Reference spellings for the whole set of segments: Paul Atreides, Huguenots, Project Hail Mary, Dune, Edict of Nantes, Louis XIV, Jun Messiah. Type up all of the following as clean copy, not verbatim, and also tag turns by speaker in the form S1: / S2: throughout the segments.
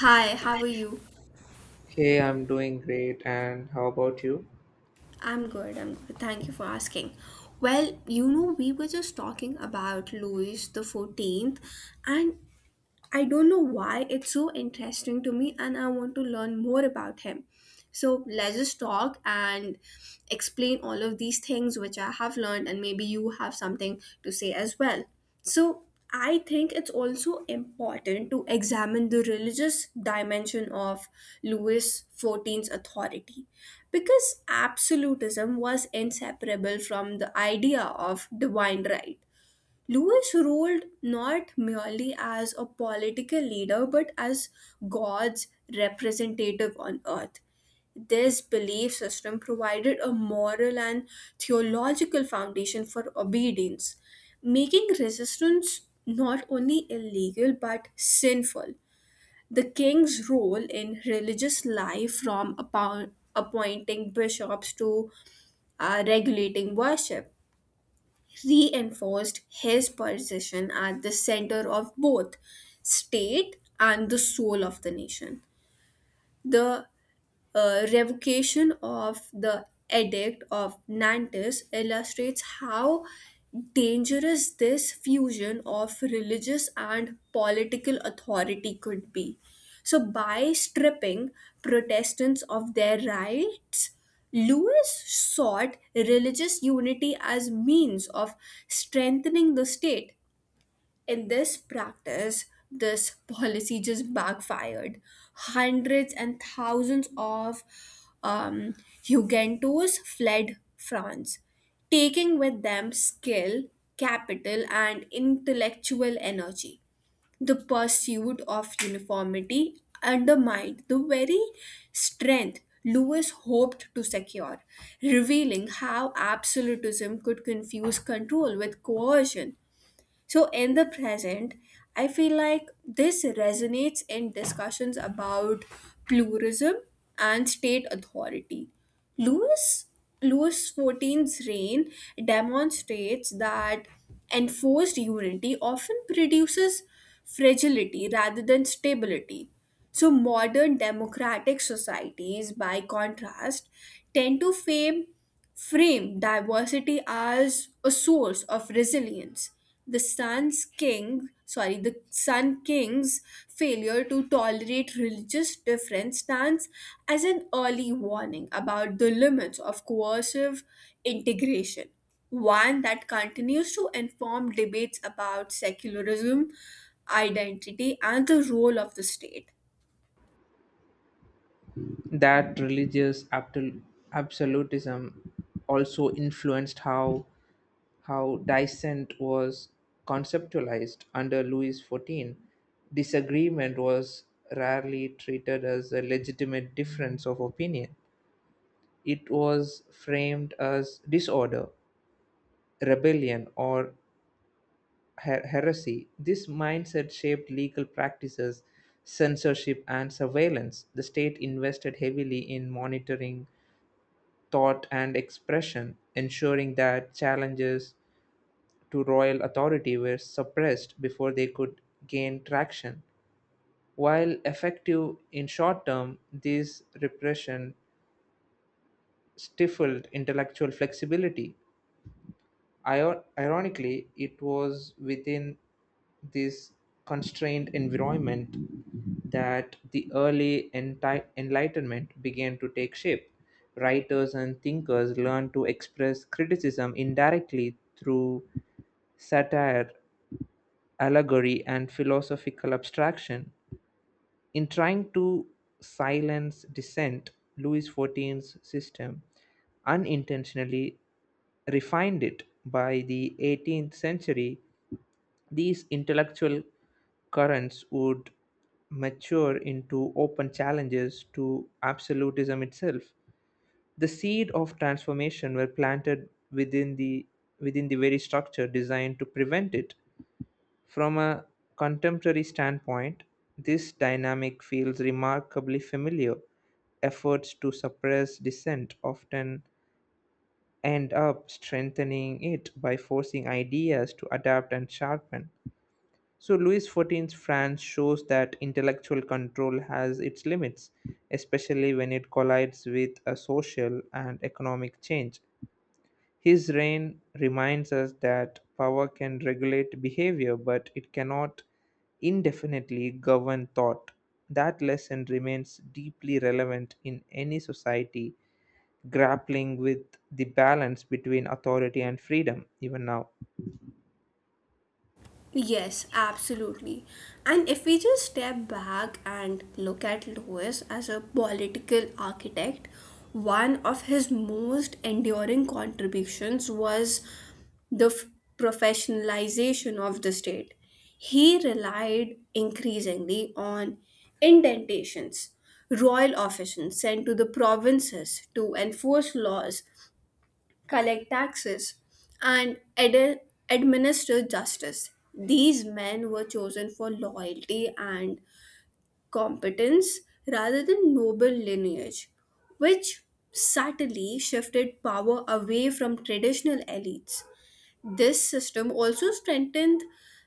S1: Hi, how are you?
S2: Hey, I'm doing great, and how about you?
S1: I'm good. Thank you for asking. We were just talking about Louis the 14th, and I don't know why it's so interesting to me and I want to learn more about him. So let's just talk and explain all of these things which I have learned, and maybe you have something to say as well. So I think it's also important to examine the religious dimension of Louis XIV's authority because absolutism was inseparable from the idea of divine right. Louis ruled not merely as a political leader but as God's representative on earth. This belief system provided a moral and theological foundation for obedience, making resistance not only illegal but sinful. The king's role in religious life, from appointing bishops to regulating worship, reinforced his position at the center of both state and the soul of the nation. The revocation of the edict of Nantes illustrates how dangerous this fusion of religious and political authority could be. So, by stripping Protestants of their rights, Lewis sought religious unity as means of strengthening the state in this practice, this policy just backfired. Hundreds and thousands of um, Hugentos fled France, taking with them skill, capital, and intellectual energy. The pursuit of uniformity undermined the very strength Lewis hoped to secure, revealing how absolutism could confuse control with coercion. So, in the present, I feel like this resonates in discussions about pluralism and state authority. Louis Louis XIV's reign demonstrates that enforced unity often produces fragility rather than stability. So, modern democratic societies, by contrast, tend to fame frame diversity as a source of resilience. The The Sun King's failure to tolerate religious difference stands as an early warning about the limits of coercive integration, one that continues to inform debates about secularism, identity, and the role of the state.
S2: That religious absolutism also influenced how dissent was conceptualized under Louis XIV. Disagreement was rarely treated as a legitimate difference of opinion. It was framed as disorder, rebellion, or heresy. This mindset shaped legal practices, censorship, and surveillance. The state invested heavily in monitoring thought and expression, ensuring that challenges to royal authority were suppressed before they could gain traction. While effective in short term, this repression stifled intellectual flexibility. Ironically, it was within this constrained environment that the early Enlightenment began to take shape. Writers and thinkers learned to express criticism indirectly through satire, allegory, and philosophical abstraction. In trying to silence dissent, Louis XIV's system unintentionally refined it. By the 18th century, these intellectual currents would mature into open challenges to absolutism itself. The seed of transformation were planted within the very structure designed to prevent it. From a contemporary standpoint, this dynamic feels remarkably familiar. Efforts to suppress dissent often end up strengthening it by forcing ideas to adapt and sharpen. So, Louis XIV's France shows that intellectual control has its limits, especially when it collides with a social and economic change. His reign reminds us that power can regulate behavior, but it cannot indefinitely govern thought. That lesson remains deeply relevant in any society grappling with the balance between authority and freedom, even now.
S1: Yes, absolutely. And if we just step back and look at Lewis as a political architect, one of his most enduring contributions was the f- professionalization of the state. He relied increasingly on indentations, royal officers sent to the provinces to enforce laws collect taxes, and administer justice. These men were chosen for loyalty and competence rather than noble lineage, which subtly shifted power away from traditional elites. This system also strengthened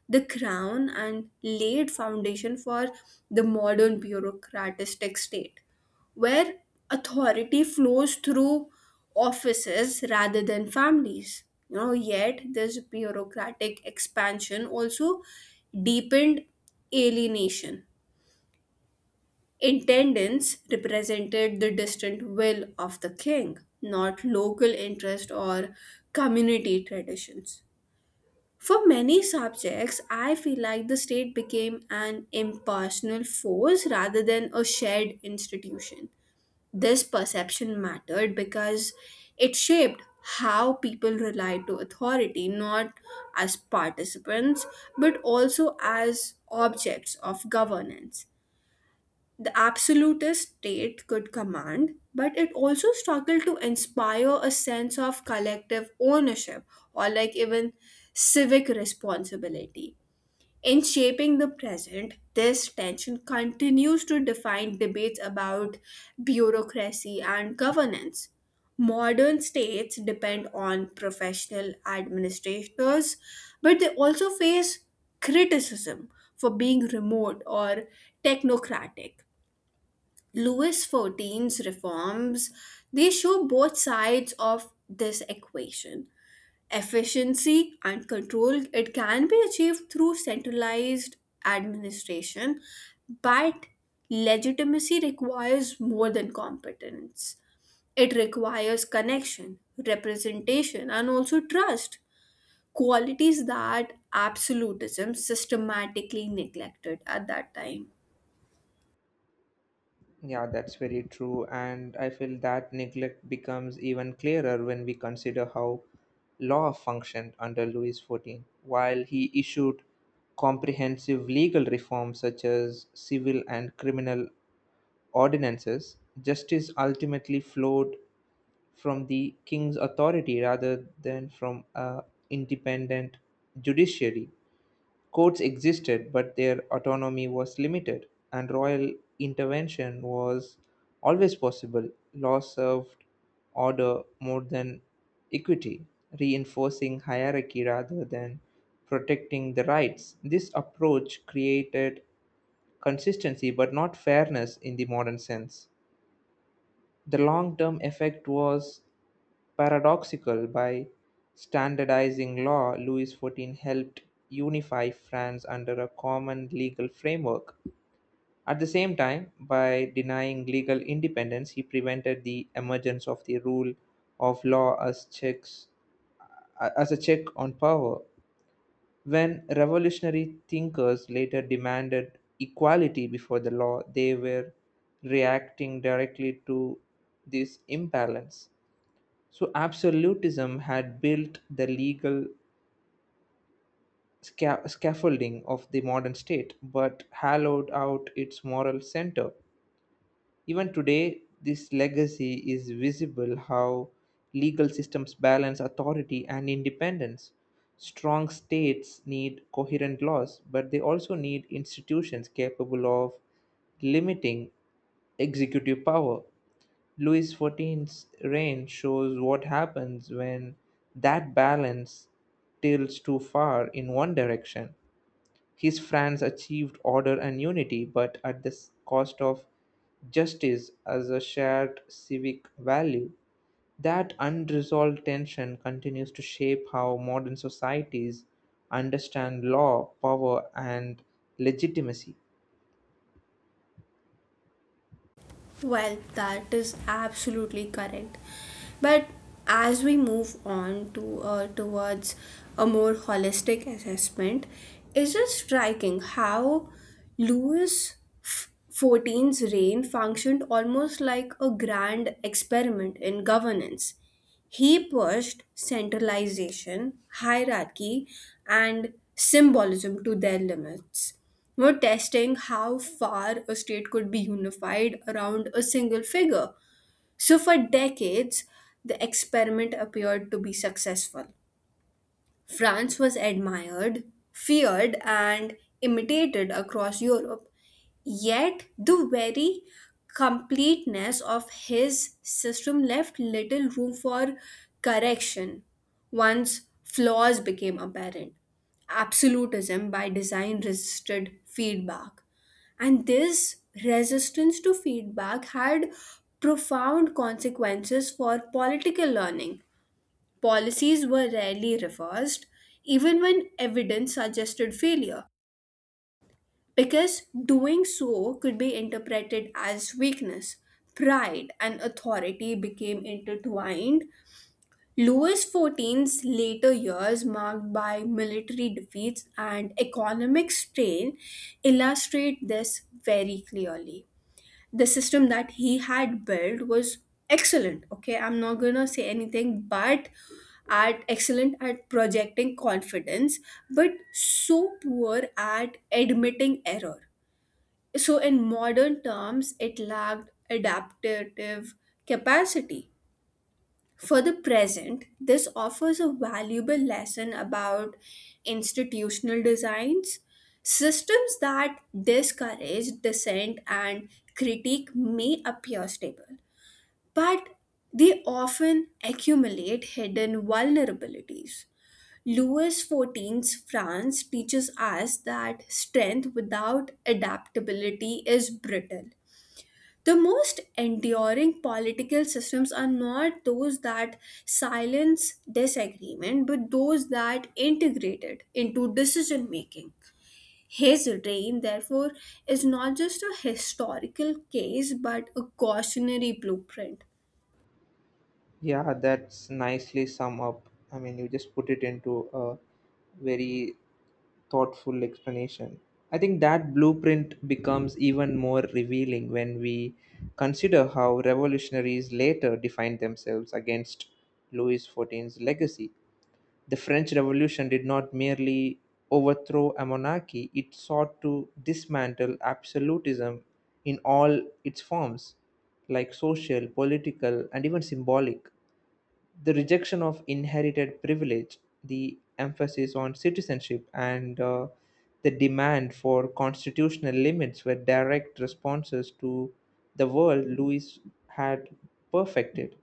S1: the crown and laid foundation for the modern bureaucratic state, where authority flows through offices rather than families. You know, yet this bureaucratic expansion also deepened alienation. Intendants represented the distant will of the king, not local interest or community traditions for many subjects, I feel like the state became an impersonal force rather than a shared institution. This perception mattered because it shaped how people relied to authority, not as participants, but also as objects of governance. The absolutist state could command, but it also struggled to inspire a sense of collective ownership or, like, even civic responsibility. In shaping the present, this tension continues to define debates about bureaucracy and governance. Modern states depend on professional administrators, but they also face criticism for being remote or technocratic. Louis XIV's reforms, they show both sides of this equation. Efficiency and control, it can be achieved through centralized administration, but legitimacy requires more than competence. It requires connection, representation, and also trust, qualities that absolutism systematically neglected at that time.
S2: Yeah, that's very true. And I feel that neglect becomes even clearer when we consider how law functioned under Louis XIV. While he issued comprehensive legal reforms such as civil and criminal ordinances, justice ultimately flowed from the king's authority rather than from a independent judiciary. Courts existed, but their autonomy was limited, and royal intervention was always possible. Law served order more than equity, reinforcing hierarchy rather than protecting the rights. This approach created consistency but not fairness in the modern sense. The long term effect was paradoxical. By standardizing law, Louis XIV helped unify France under a common legal framework. At the same time, by denying legal independence, he prevented the emergence of the rule of law as checks as a check on power. When revolutionary thinkers later demanded equality before the law, they were reacting directly to this imbalance. So absolutism had built the legal scaffolding of the modern state, but hollowed out its moral center. Even today, this legacy is visible how legal systems balance authority and independence. Strong states need coherent laws, but they also need institutions capable of limiting executive power. Louis XIV's reign shows what happens when that balance tilts too far in one direction. His France achieved order and unity, but at the cost of justice as a shared civic value. That unresolved tension continues to shape how modern societies understand law, power, and legitimacy.
S1: Well, that is absolutely correct. But as we move on to towards a more holistic assessment, it's just striking how Louis XIV's reign functioned almost like a grand experiment in governance. He pushed centralization, hierarchy, and symbolism to their limits we're testing how far a state could be unified around a single figure. So, for decades, the experiment appeared to be successful. France was admired, feared, and imitated across Europe. Yet, the very completeness of his system left little room for correction once flaws became apparent. Absolutism by design resisted feedback, and this resistance to feedback had profound consequences for political learning. Policies were rarely reversed, even when evidence suggested failure, because doing so could be interpreted as weakness. Pride and authority became intertwined. Louis XIV's later years, marked by military defeats and economic strain, illustrate this very clearly. The system that he had built was excellent okay I'm not going to say anything but at excellent at projecting confidence but so poor at admitting error, so in modern terms it lacked adaptive capacity. For the present, this offers a valuable lesson about institutional designs. Systems that discourage dissent and critique may appear stable, but they often accumulate hidden vulnerabilities. Louis XIV's France teaches us that strength without adaptability is brittle. The most enduring political systems are not those that silence disagreement, but those that integrate it into decision making. His reign, therefore, is not just a historical case but a cautionary blueprint.
S2: Yeah, that's nicely sum up. I mean, you just put it into a very thoughtful explanation. I think that blueprint becomes even more revealing when we consider how revolutionaries later defined themselves against Louis XIV's legacy. The French Revolution did not merely overthrow a monarchy, it sought to dismantle absolutism in all its forms, like social, political, and even symbolic the rejection of inherited privilege, the emphasis on citizenship, and the demand for constitutional limits were direct responses to the world Louis had perfected.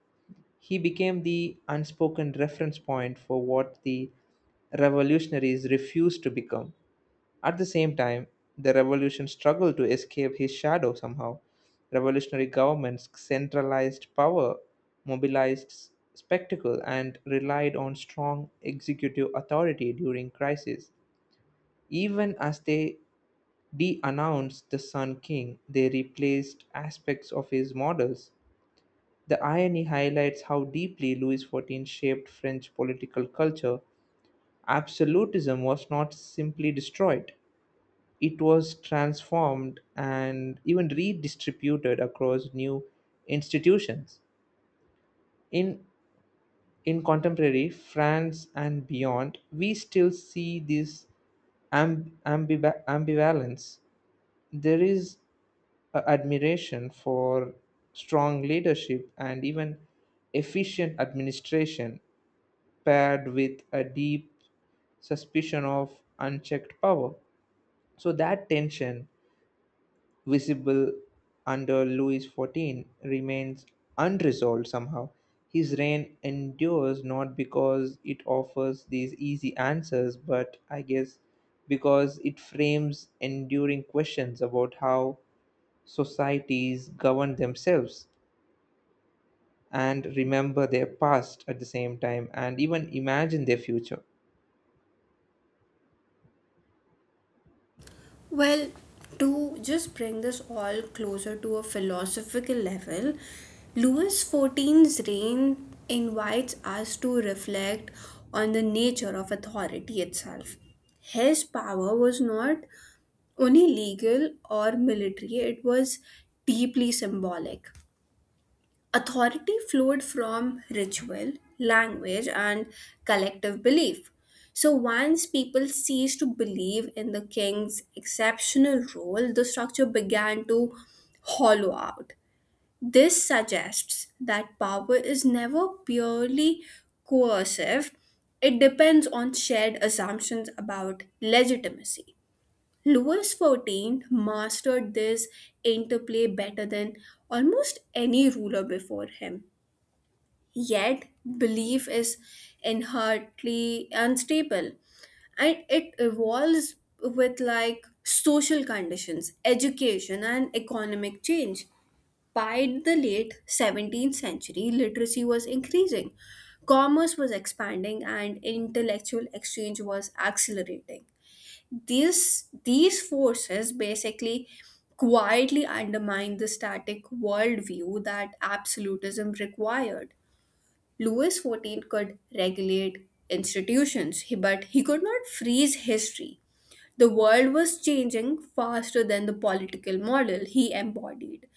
S2: He became the unspoken reference point for what the revolutionaries refused to become. At the same time, the revolution struggled to escape his shadow somehow. Revolutionary governments centralized power, mobilized spectacle, and relied on strong executive authority during crisis. Even as they de announced the Sun King, they replaced aspects of his models. The irony highlights how deeply Louis XIV shaped French political culture. Absolutism was not simply destroyed, it was transformed and even redistributed across new institutions. In, in contemporary France and beyond, we still see this ambivalence. There is a admiration for strong leadership and even efficient administration paired with a deep suspicion of unchecked power. So that tension visible under Louis XIV, remains unresolved somehow. His reign endures not because it offers these easy answers, but I guess because it frames enduring questions about how societies govern themselves and remember their past at the same time and even imagine their future.
S1: Well, to just bring this all closer to a philosophical level, Louis XIV's reign invites us to reflect on the nature of authority itself. His power was not only legal or military, it was deeply symbolic. Authority flowed from ritual, language, and collective belief. So once people ceased to believe in the king's exceptional role, the structure began to hollow out. This suggests that power is never purely coercive, it depends on shared assumptions about legitimacy. Louis XIV mastered this interplay better than almost any ruler before him. Yet, belief is inherently unstable and it evolves with like social conditions, education, and economic change. By the late 17th century, literacy was increasing, commerce was expanding, and intellectual exchange was accelerating. These forces basically quietly undermine the static worldview that absolutism required. Louis XIV could regulate institutions, but he could not freeze history. The world was changing faster than the political model he embodied.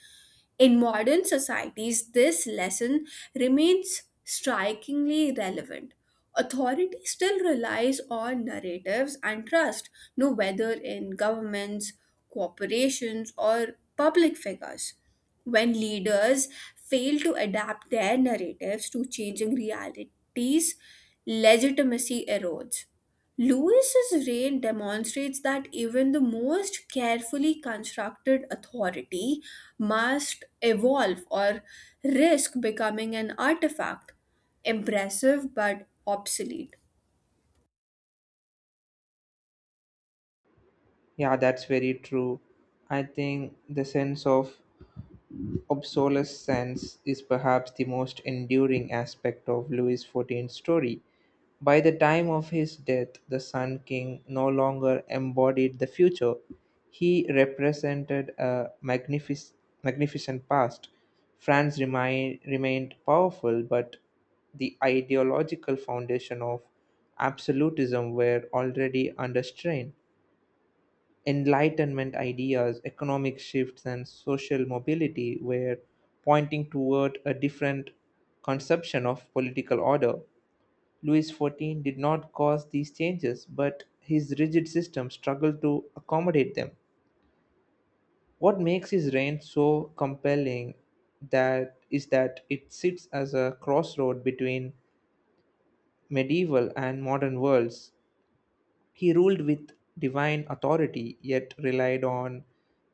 S1: In modern societies, this lesson remains strikingly relevant. Authority still relies on narratives and trust, no whether in governments, corporations, or public figures. When leaders fail to adapt their narratives to changing realities, legitimacy erodes. Lewis's reign demonstrates that even the most carefully constructed authority must evolve or risk becoming an artifact, impressive but obsolete.
S2: Yeah, that's very true. I think the sense of obsolescence is perhaps the most enduring aspect of Louis XIV's story. By the time of his death, the Sun King no longer embodied the future. He represented a magnificent past. France remained powerful, but the ideological foundation of absolutism were already under strain. Enlightenment ideas, economic shifts, and social mobility were pointing toward a different conception of political order. Louis XIV did not cause these changes, but his rigid system struggled to accommodate them. What makes his reign so compelling that is that it sits as a crossroad between medieval and modern worlds. He ruled with divine authority yet relied on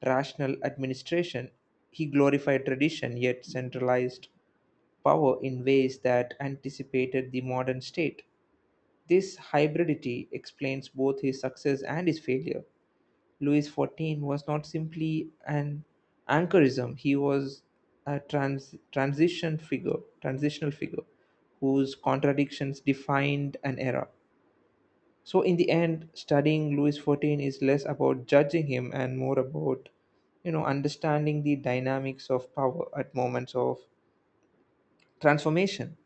S2: rational administration. He glorified tradition yet centralized power in ways that anticipated the modern state. This hybridity explains both his success and his failure. Louis XIV was not simply an anchorism, he was a transitional figure whose contradictions defined an era. So, in the end, studying Louis XIV is less about judging him and more about, you know, understanding the dynamics of power at moments of transformation.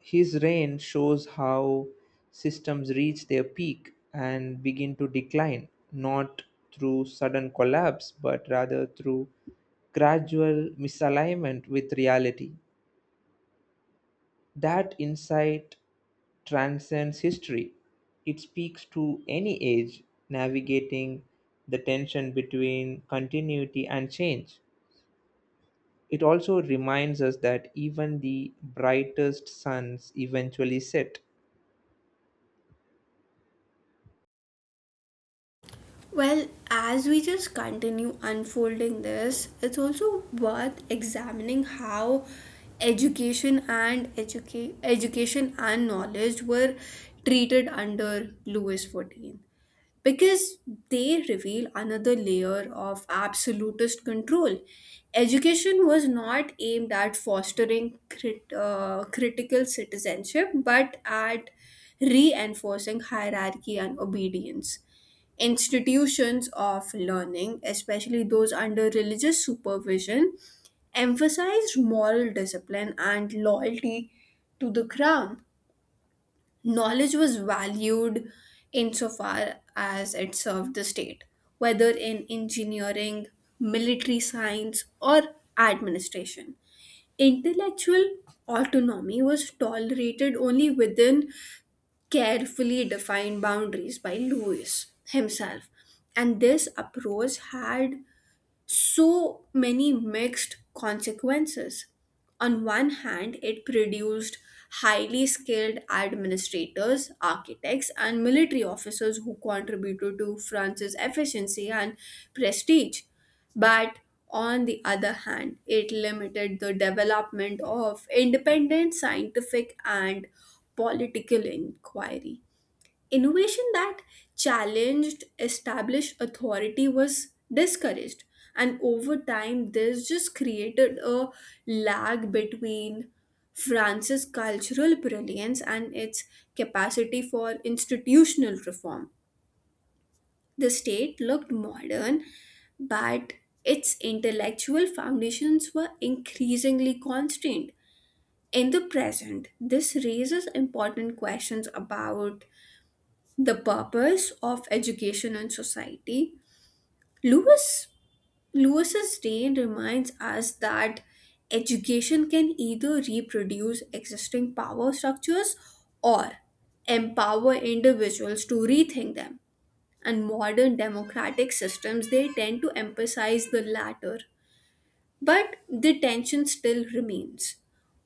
S2: His reign shows how systems reach their peak and begin to decline, not through sudden collapse, but rather through gradual misalignment with reality. That insight transcends history. It speaks to any age navigating the tension between continuity and change. It also reminds us that even the brightest suns eventually set.
S1: Well, as we just continue unfolding this, it's also worth examining how education and knowledge were treated under Louis XIV, because they reveal another layer of absolutist control. Education was not aimed at fostering critical citizenship but at reinforcing hierarchy and obedience. Institutions of learning, especially those under religious supervision, emphasized moral discipline and loyalty to the crown. Knowledge was valued insofar as it served the state, whether in engineering, military science, or administration. Intellectual autonomy was tolerated only within carefully defined boundaries by Lewis himself, and this approach had so many mixed consequences. On one hand, it produced highly skilled administrators, architects, and military officers who contributed to France's efficiency and prestige. But on the other hand, it limited the development of independent scientific and political inquiry. Innovation that challenged established authority was discouraged, and over time, this just created a lag between France's cultural brilliance and its capacity for institutional reform. The state looked modern, but its intellectual foundations were increasingly constrained. In the present, this raises important questions about the purpose of education and society. Lewis Lewis's reign reminds us that education can either reproduce existing power structures or empower individuals to rethink them. And modern democratic systems they tend to emphasize the latter. But the tension still remains.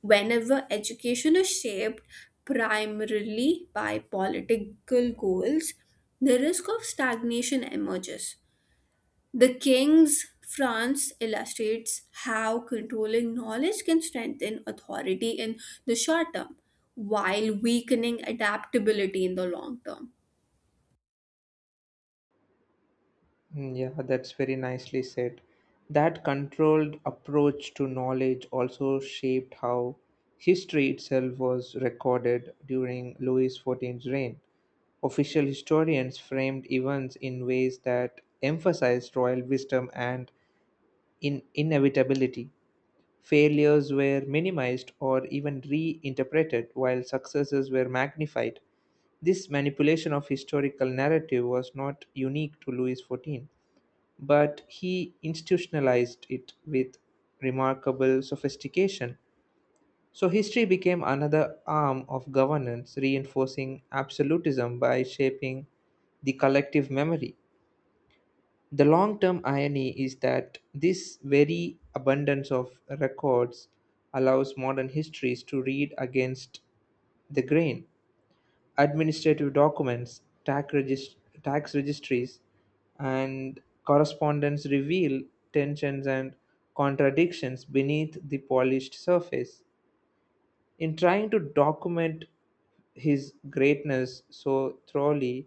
S1: Whenever education is shaped primarily by political goals, the risk of stagnation emerges. The King's France illustrates how controlling knowledge can strengthen authority in the short term while weakening adaptability in the long term.
S2: Mm, yeah, that's very nicely said. That controlled approach to knowledge also shaped how history itself was recorded during Louis XIV's reign. Official historians framed events in ways that emphasized royal wisdom and in inevitability. Failures were minimized or even reinterpreted, while successes were magnified. This manipulation of historical narrative was not unique to Louis XIV, but he institutionalized it with remarkable sophistication. So, history became another arm of governance, reinforcing absolutism by shaping the collective memory. The long term irony is that this very abundance of records allows modern histories to read against the grain. Administrative documents, tax registries, and correspondence reveal tensions and contradictions beneath the polished surface. In trying to document his greatness so thoroughly,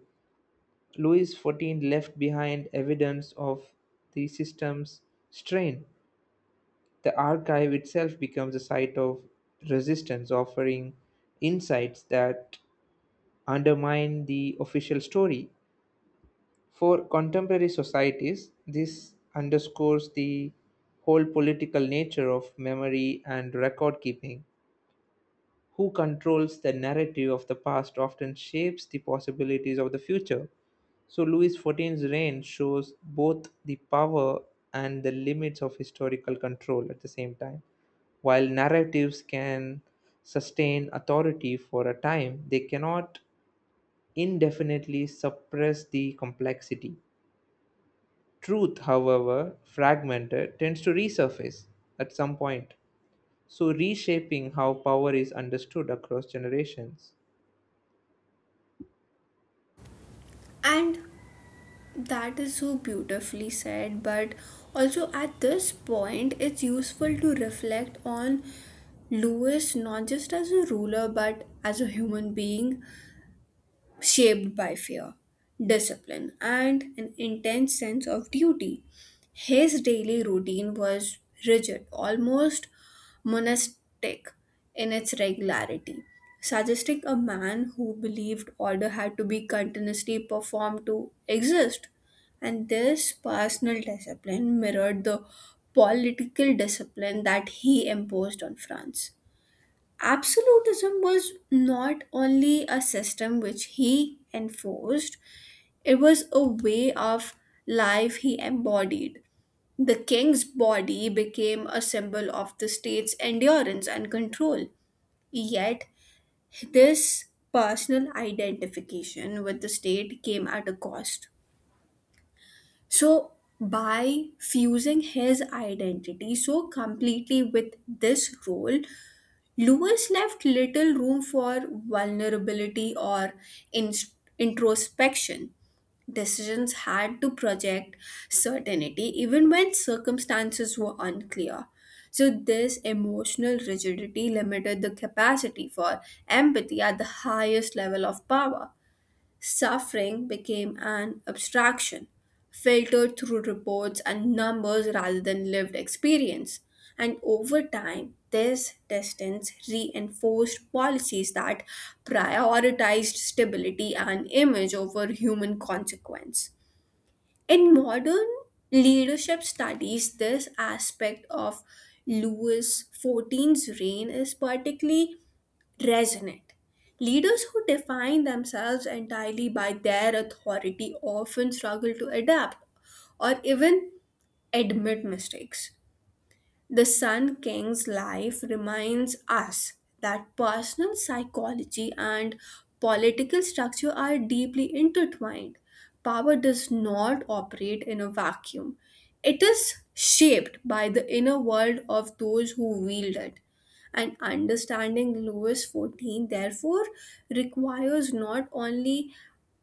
S2: Louis XIV left behind evidence of the system's strain. The archive itself becomes a site of resistance, offering insights that undermine the official story. For contemporary societies, this underscores the whole political nature of memory and record keeping. Who controls the narrative of the past often shapes the possibilities of the future. So Louis XIV's reign shows both the power and the limits of historical control at the same time. While narratives can sustain authority for a time, they cannot indefinitely suppress the complexity. Truth, however, fragmented, tends to resurface at some point, so reshaping how power is understood across generations.
S1: And that is so beautifully said, but also at this point, it's useful to reflect on Lewis not just as a ruler but as a human being shaped by fear, discipline, and an intense sense of duty. His daily routine was rigid, almost monastic in its regularity, suggesting a man who believed order had to be continuously performed to exist. And this personal discipline mirrored the political discipline that he imposed on France. Absolutism was not only a system which he enforced, it was a way of life he embodied. The king's body became a symbol of the state's endurance and control. Yet, this personal identification with the state came at a cost. So, by fusing his identity so completely with this role, Lewis left little room for vulnerability or in- introspection. Decisions had to project certainty even when circumstances were unclear. So, this emotional rigidity limited the capacity for empathy at the highest level of power. Suffering became an abstraction, filtered through reports and numbers rather than lived experience. And over time, this distance reinforced policies that prioritized stability and image over human consequence. In modern leadership studies, this aspect of Louis XIV's reign is particularly resonate. Leaders who define themselves entirely by their authority often struggle to adapt or even admit mistakes. The Sun King's life reminds us that personal psychology and political structure are deeply intertwined. Power does not operate in a vacuum, it is shaped by the inner world of those who wield it. And understanding Louis XIV, therefore, requires not only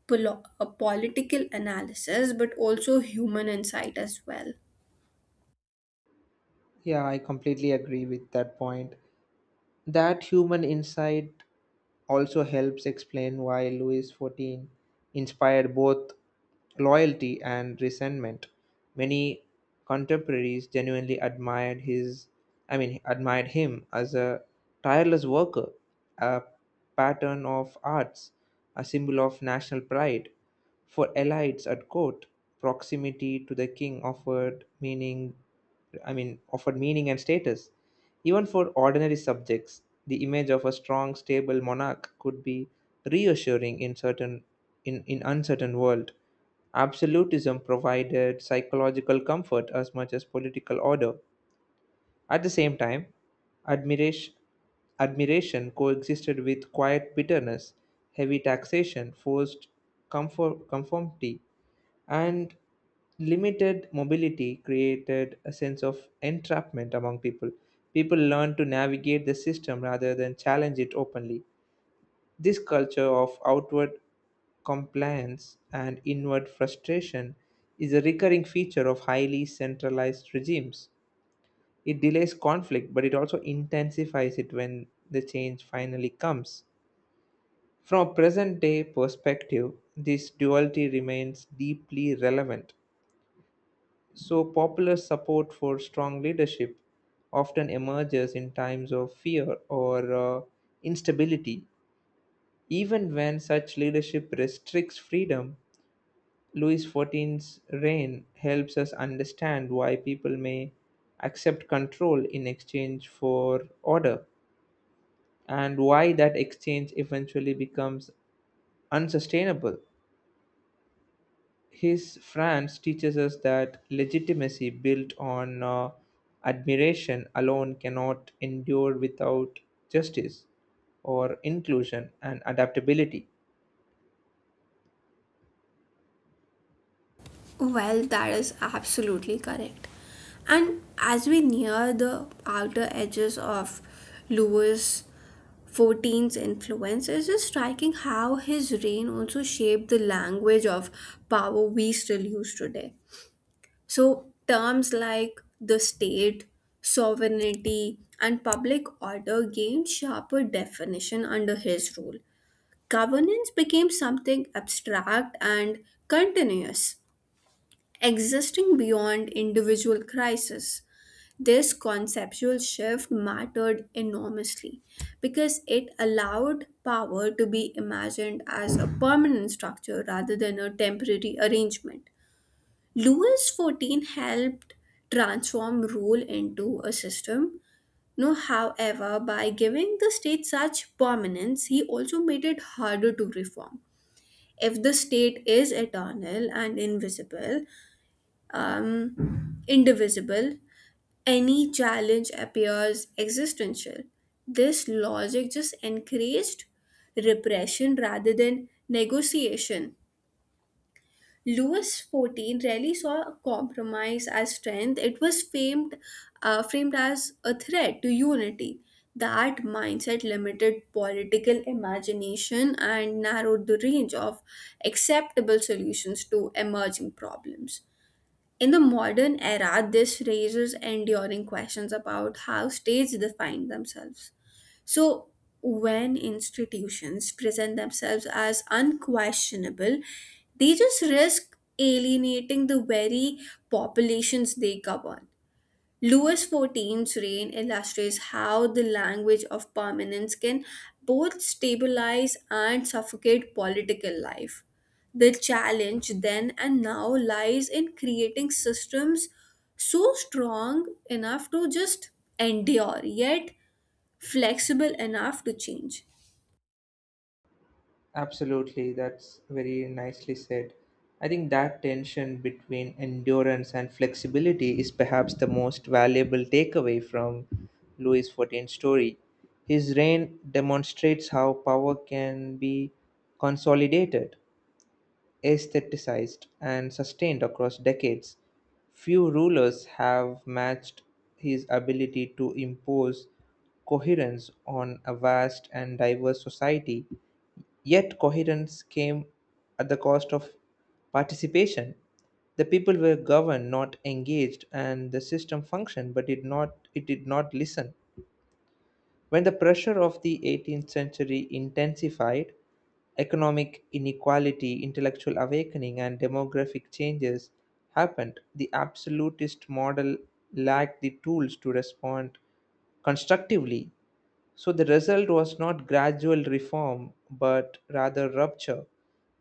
S1: a political analysis but also human insight as well.
S2: Yeah, I completely agree with that point. That human insight also helps explain why Louis XIV inspired both loyalty and resentment. Many contemporaries genuinely I mean, admired him as a tireless worker, a pattern of arts, a symbol of national pride. For elites at court, proximity to the king I mean, offered meaning and status. Even for ordinary subjects, the image of a strong, stable monarch could be reassuring in uncertain world. Absolutism provided psychological comfort as much as political order. At the same time, admiration admiration coexisted with quiet bitterness. Heavy taxation, conformity, and limited mobility created a sense of entrapment among people. People learned to navigate the system rather than challenge it openly. This culture of outward compliance and inward frustration is a recurring feature of highly centralized regimes. It delays conflict, but it also intensifies it when the change finally comes. From a present day perspective, this duality remains deeply relevant. So, popular support for strong leadership often emerges in times of fear or instability. Even when such leadership restricts freedom, Louis XIV's reign helps us understand why people may accept control in exchange for order and why that exchange eventually becomes unsustainable. His France teaches us that legitimacy built on admiration alone cannot endure without justice or inclusion and adaptability.
S1: Well, that is absolutely correct. And as we near the outer edges of Louis XIV's influence, it is striking how his reign also shaped the language of power we still use today. So, terms like the state, sovereignty, and public order gained sharper definition under his rule. Governance became something abstract and continuous, existing beyond individual crisis. This conceptual shift mattered enormously because it allowed power to be imagined as a permanent structure rather than a temporary arrangement. Louis XIV helped transform rule into a system. No, however, by giving the state such prominence, he also made it harder to reform. If the state is eternal and invisible, indivisible, any challenge appears existential. This logic just encouraged repression rather than negotiation. Louis XIV rarely saw compromise as strength. It was framed as a threat to unity. That mindset limited political imagination and narrowed the range of acceptable solutions to emerging problems. In the modern era, this raises enduring questions about how states define themselves. So, when institutions present themselves as unquestionable, they just risk alienating the very populations they govern. Louis XIV's reign illustrates how the language of permanence can both stabilize and suffocate political life. The challenge then and now lies in creating systems so strong enough to just endure, yet flexible enough to change.
S2: Absolutely, that's very nicely said. I think that tension between endurance and flexibility is perhaps the most valuable takeaway from Louis XIV's story. His reign demonstrates how power can be consolidated aestheticized and sustained across decades, few rulers have matched his ability to impose coherence on a vast and diverse society. Yet, coherence came at the cost of participation. The people were governed, not engaged, and the system functioned, but did not, it did not listen. When the pressure of the 18th century intensified, economic inequality, intellectual awakening, and demographic changes happened, the absolutist model lacked the tools to respond constructively so the result was not gradual reform, but rather rupture.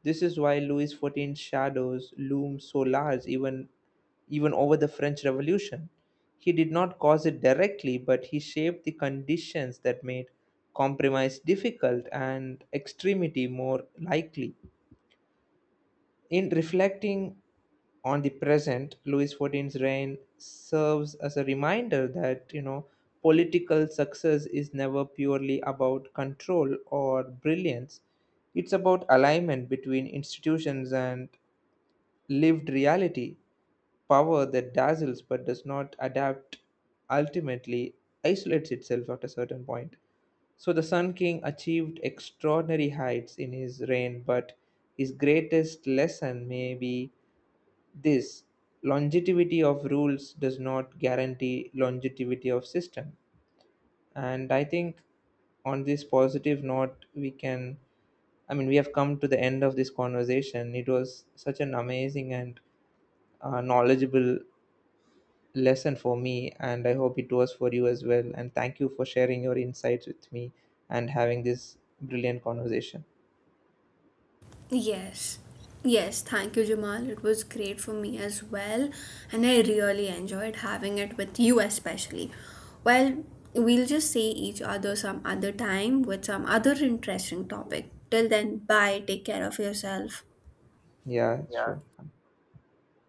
S2: This is why Louis XIV's shadows loom so large even over the French Revolution. He did not cause it directly, but he shaped the conditions that made compromise difficult and extremity more likely. In reflecting on the present, Louis XIV's reign serves as a reminder that, you know, political success is never purely about control or brilliance. It's about alignment between institutions and lived reality power that dazzles but does not adapt ultimately isolates itself at a certain point. So the Sun King achieved extraordinary heights in his reign, but his greatest lesson may be this longevity of rules does not guarantee longevity of system. And I think on this positive note, I mean, we have come to the end of this conversation. It was such an amazing and knowledgeable lesson for me, and I hope it was for you as well. And thank you for sharing your insights with me and having this brilliant conversation.
S1: Yes. Yes, thank you, Jamal. It was great for me as well, and I really enjoyed having it with you, especially. Well, we'll just see each other some other time with some other interesting topic. Till then, bye. Take care of yourself.
S2: Yeah,
S1: Yeah.
S2: sure.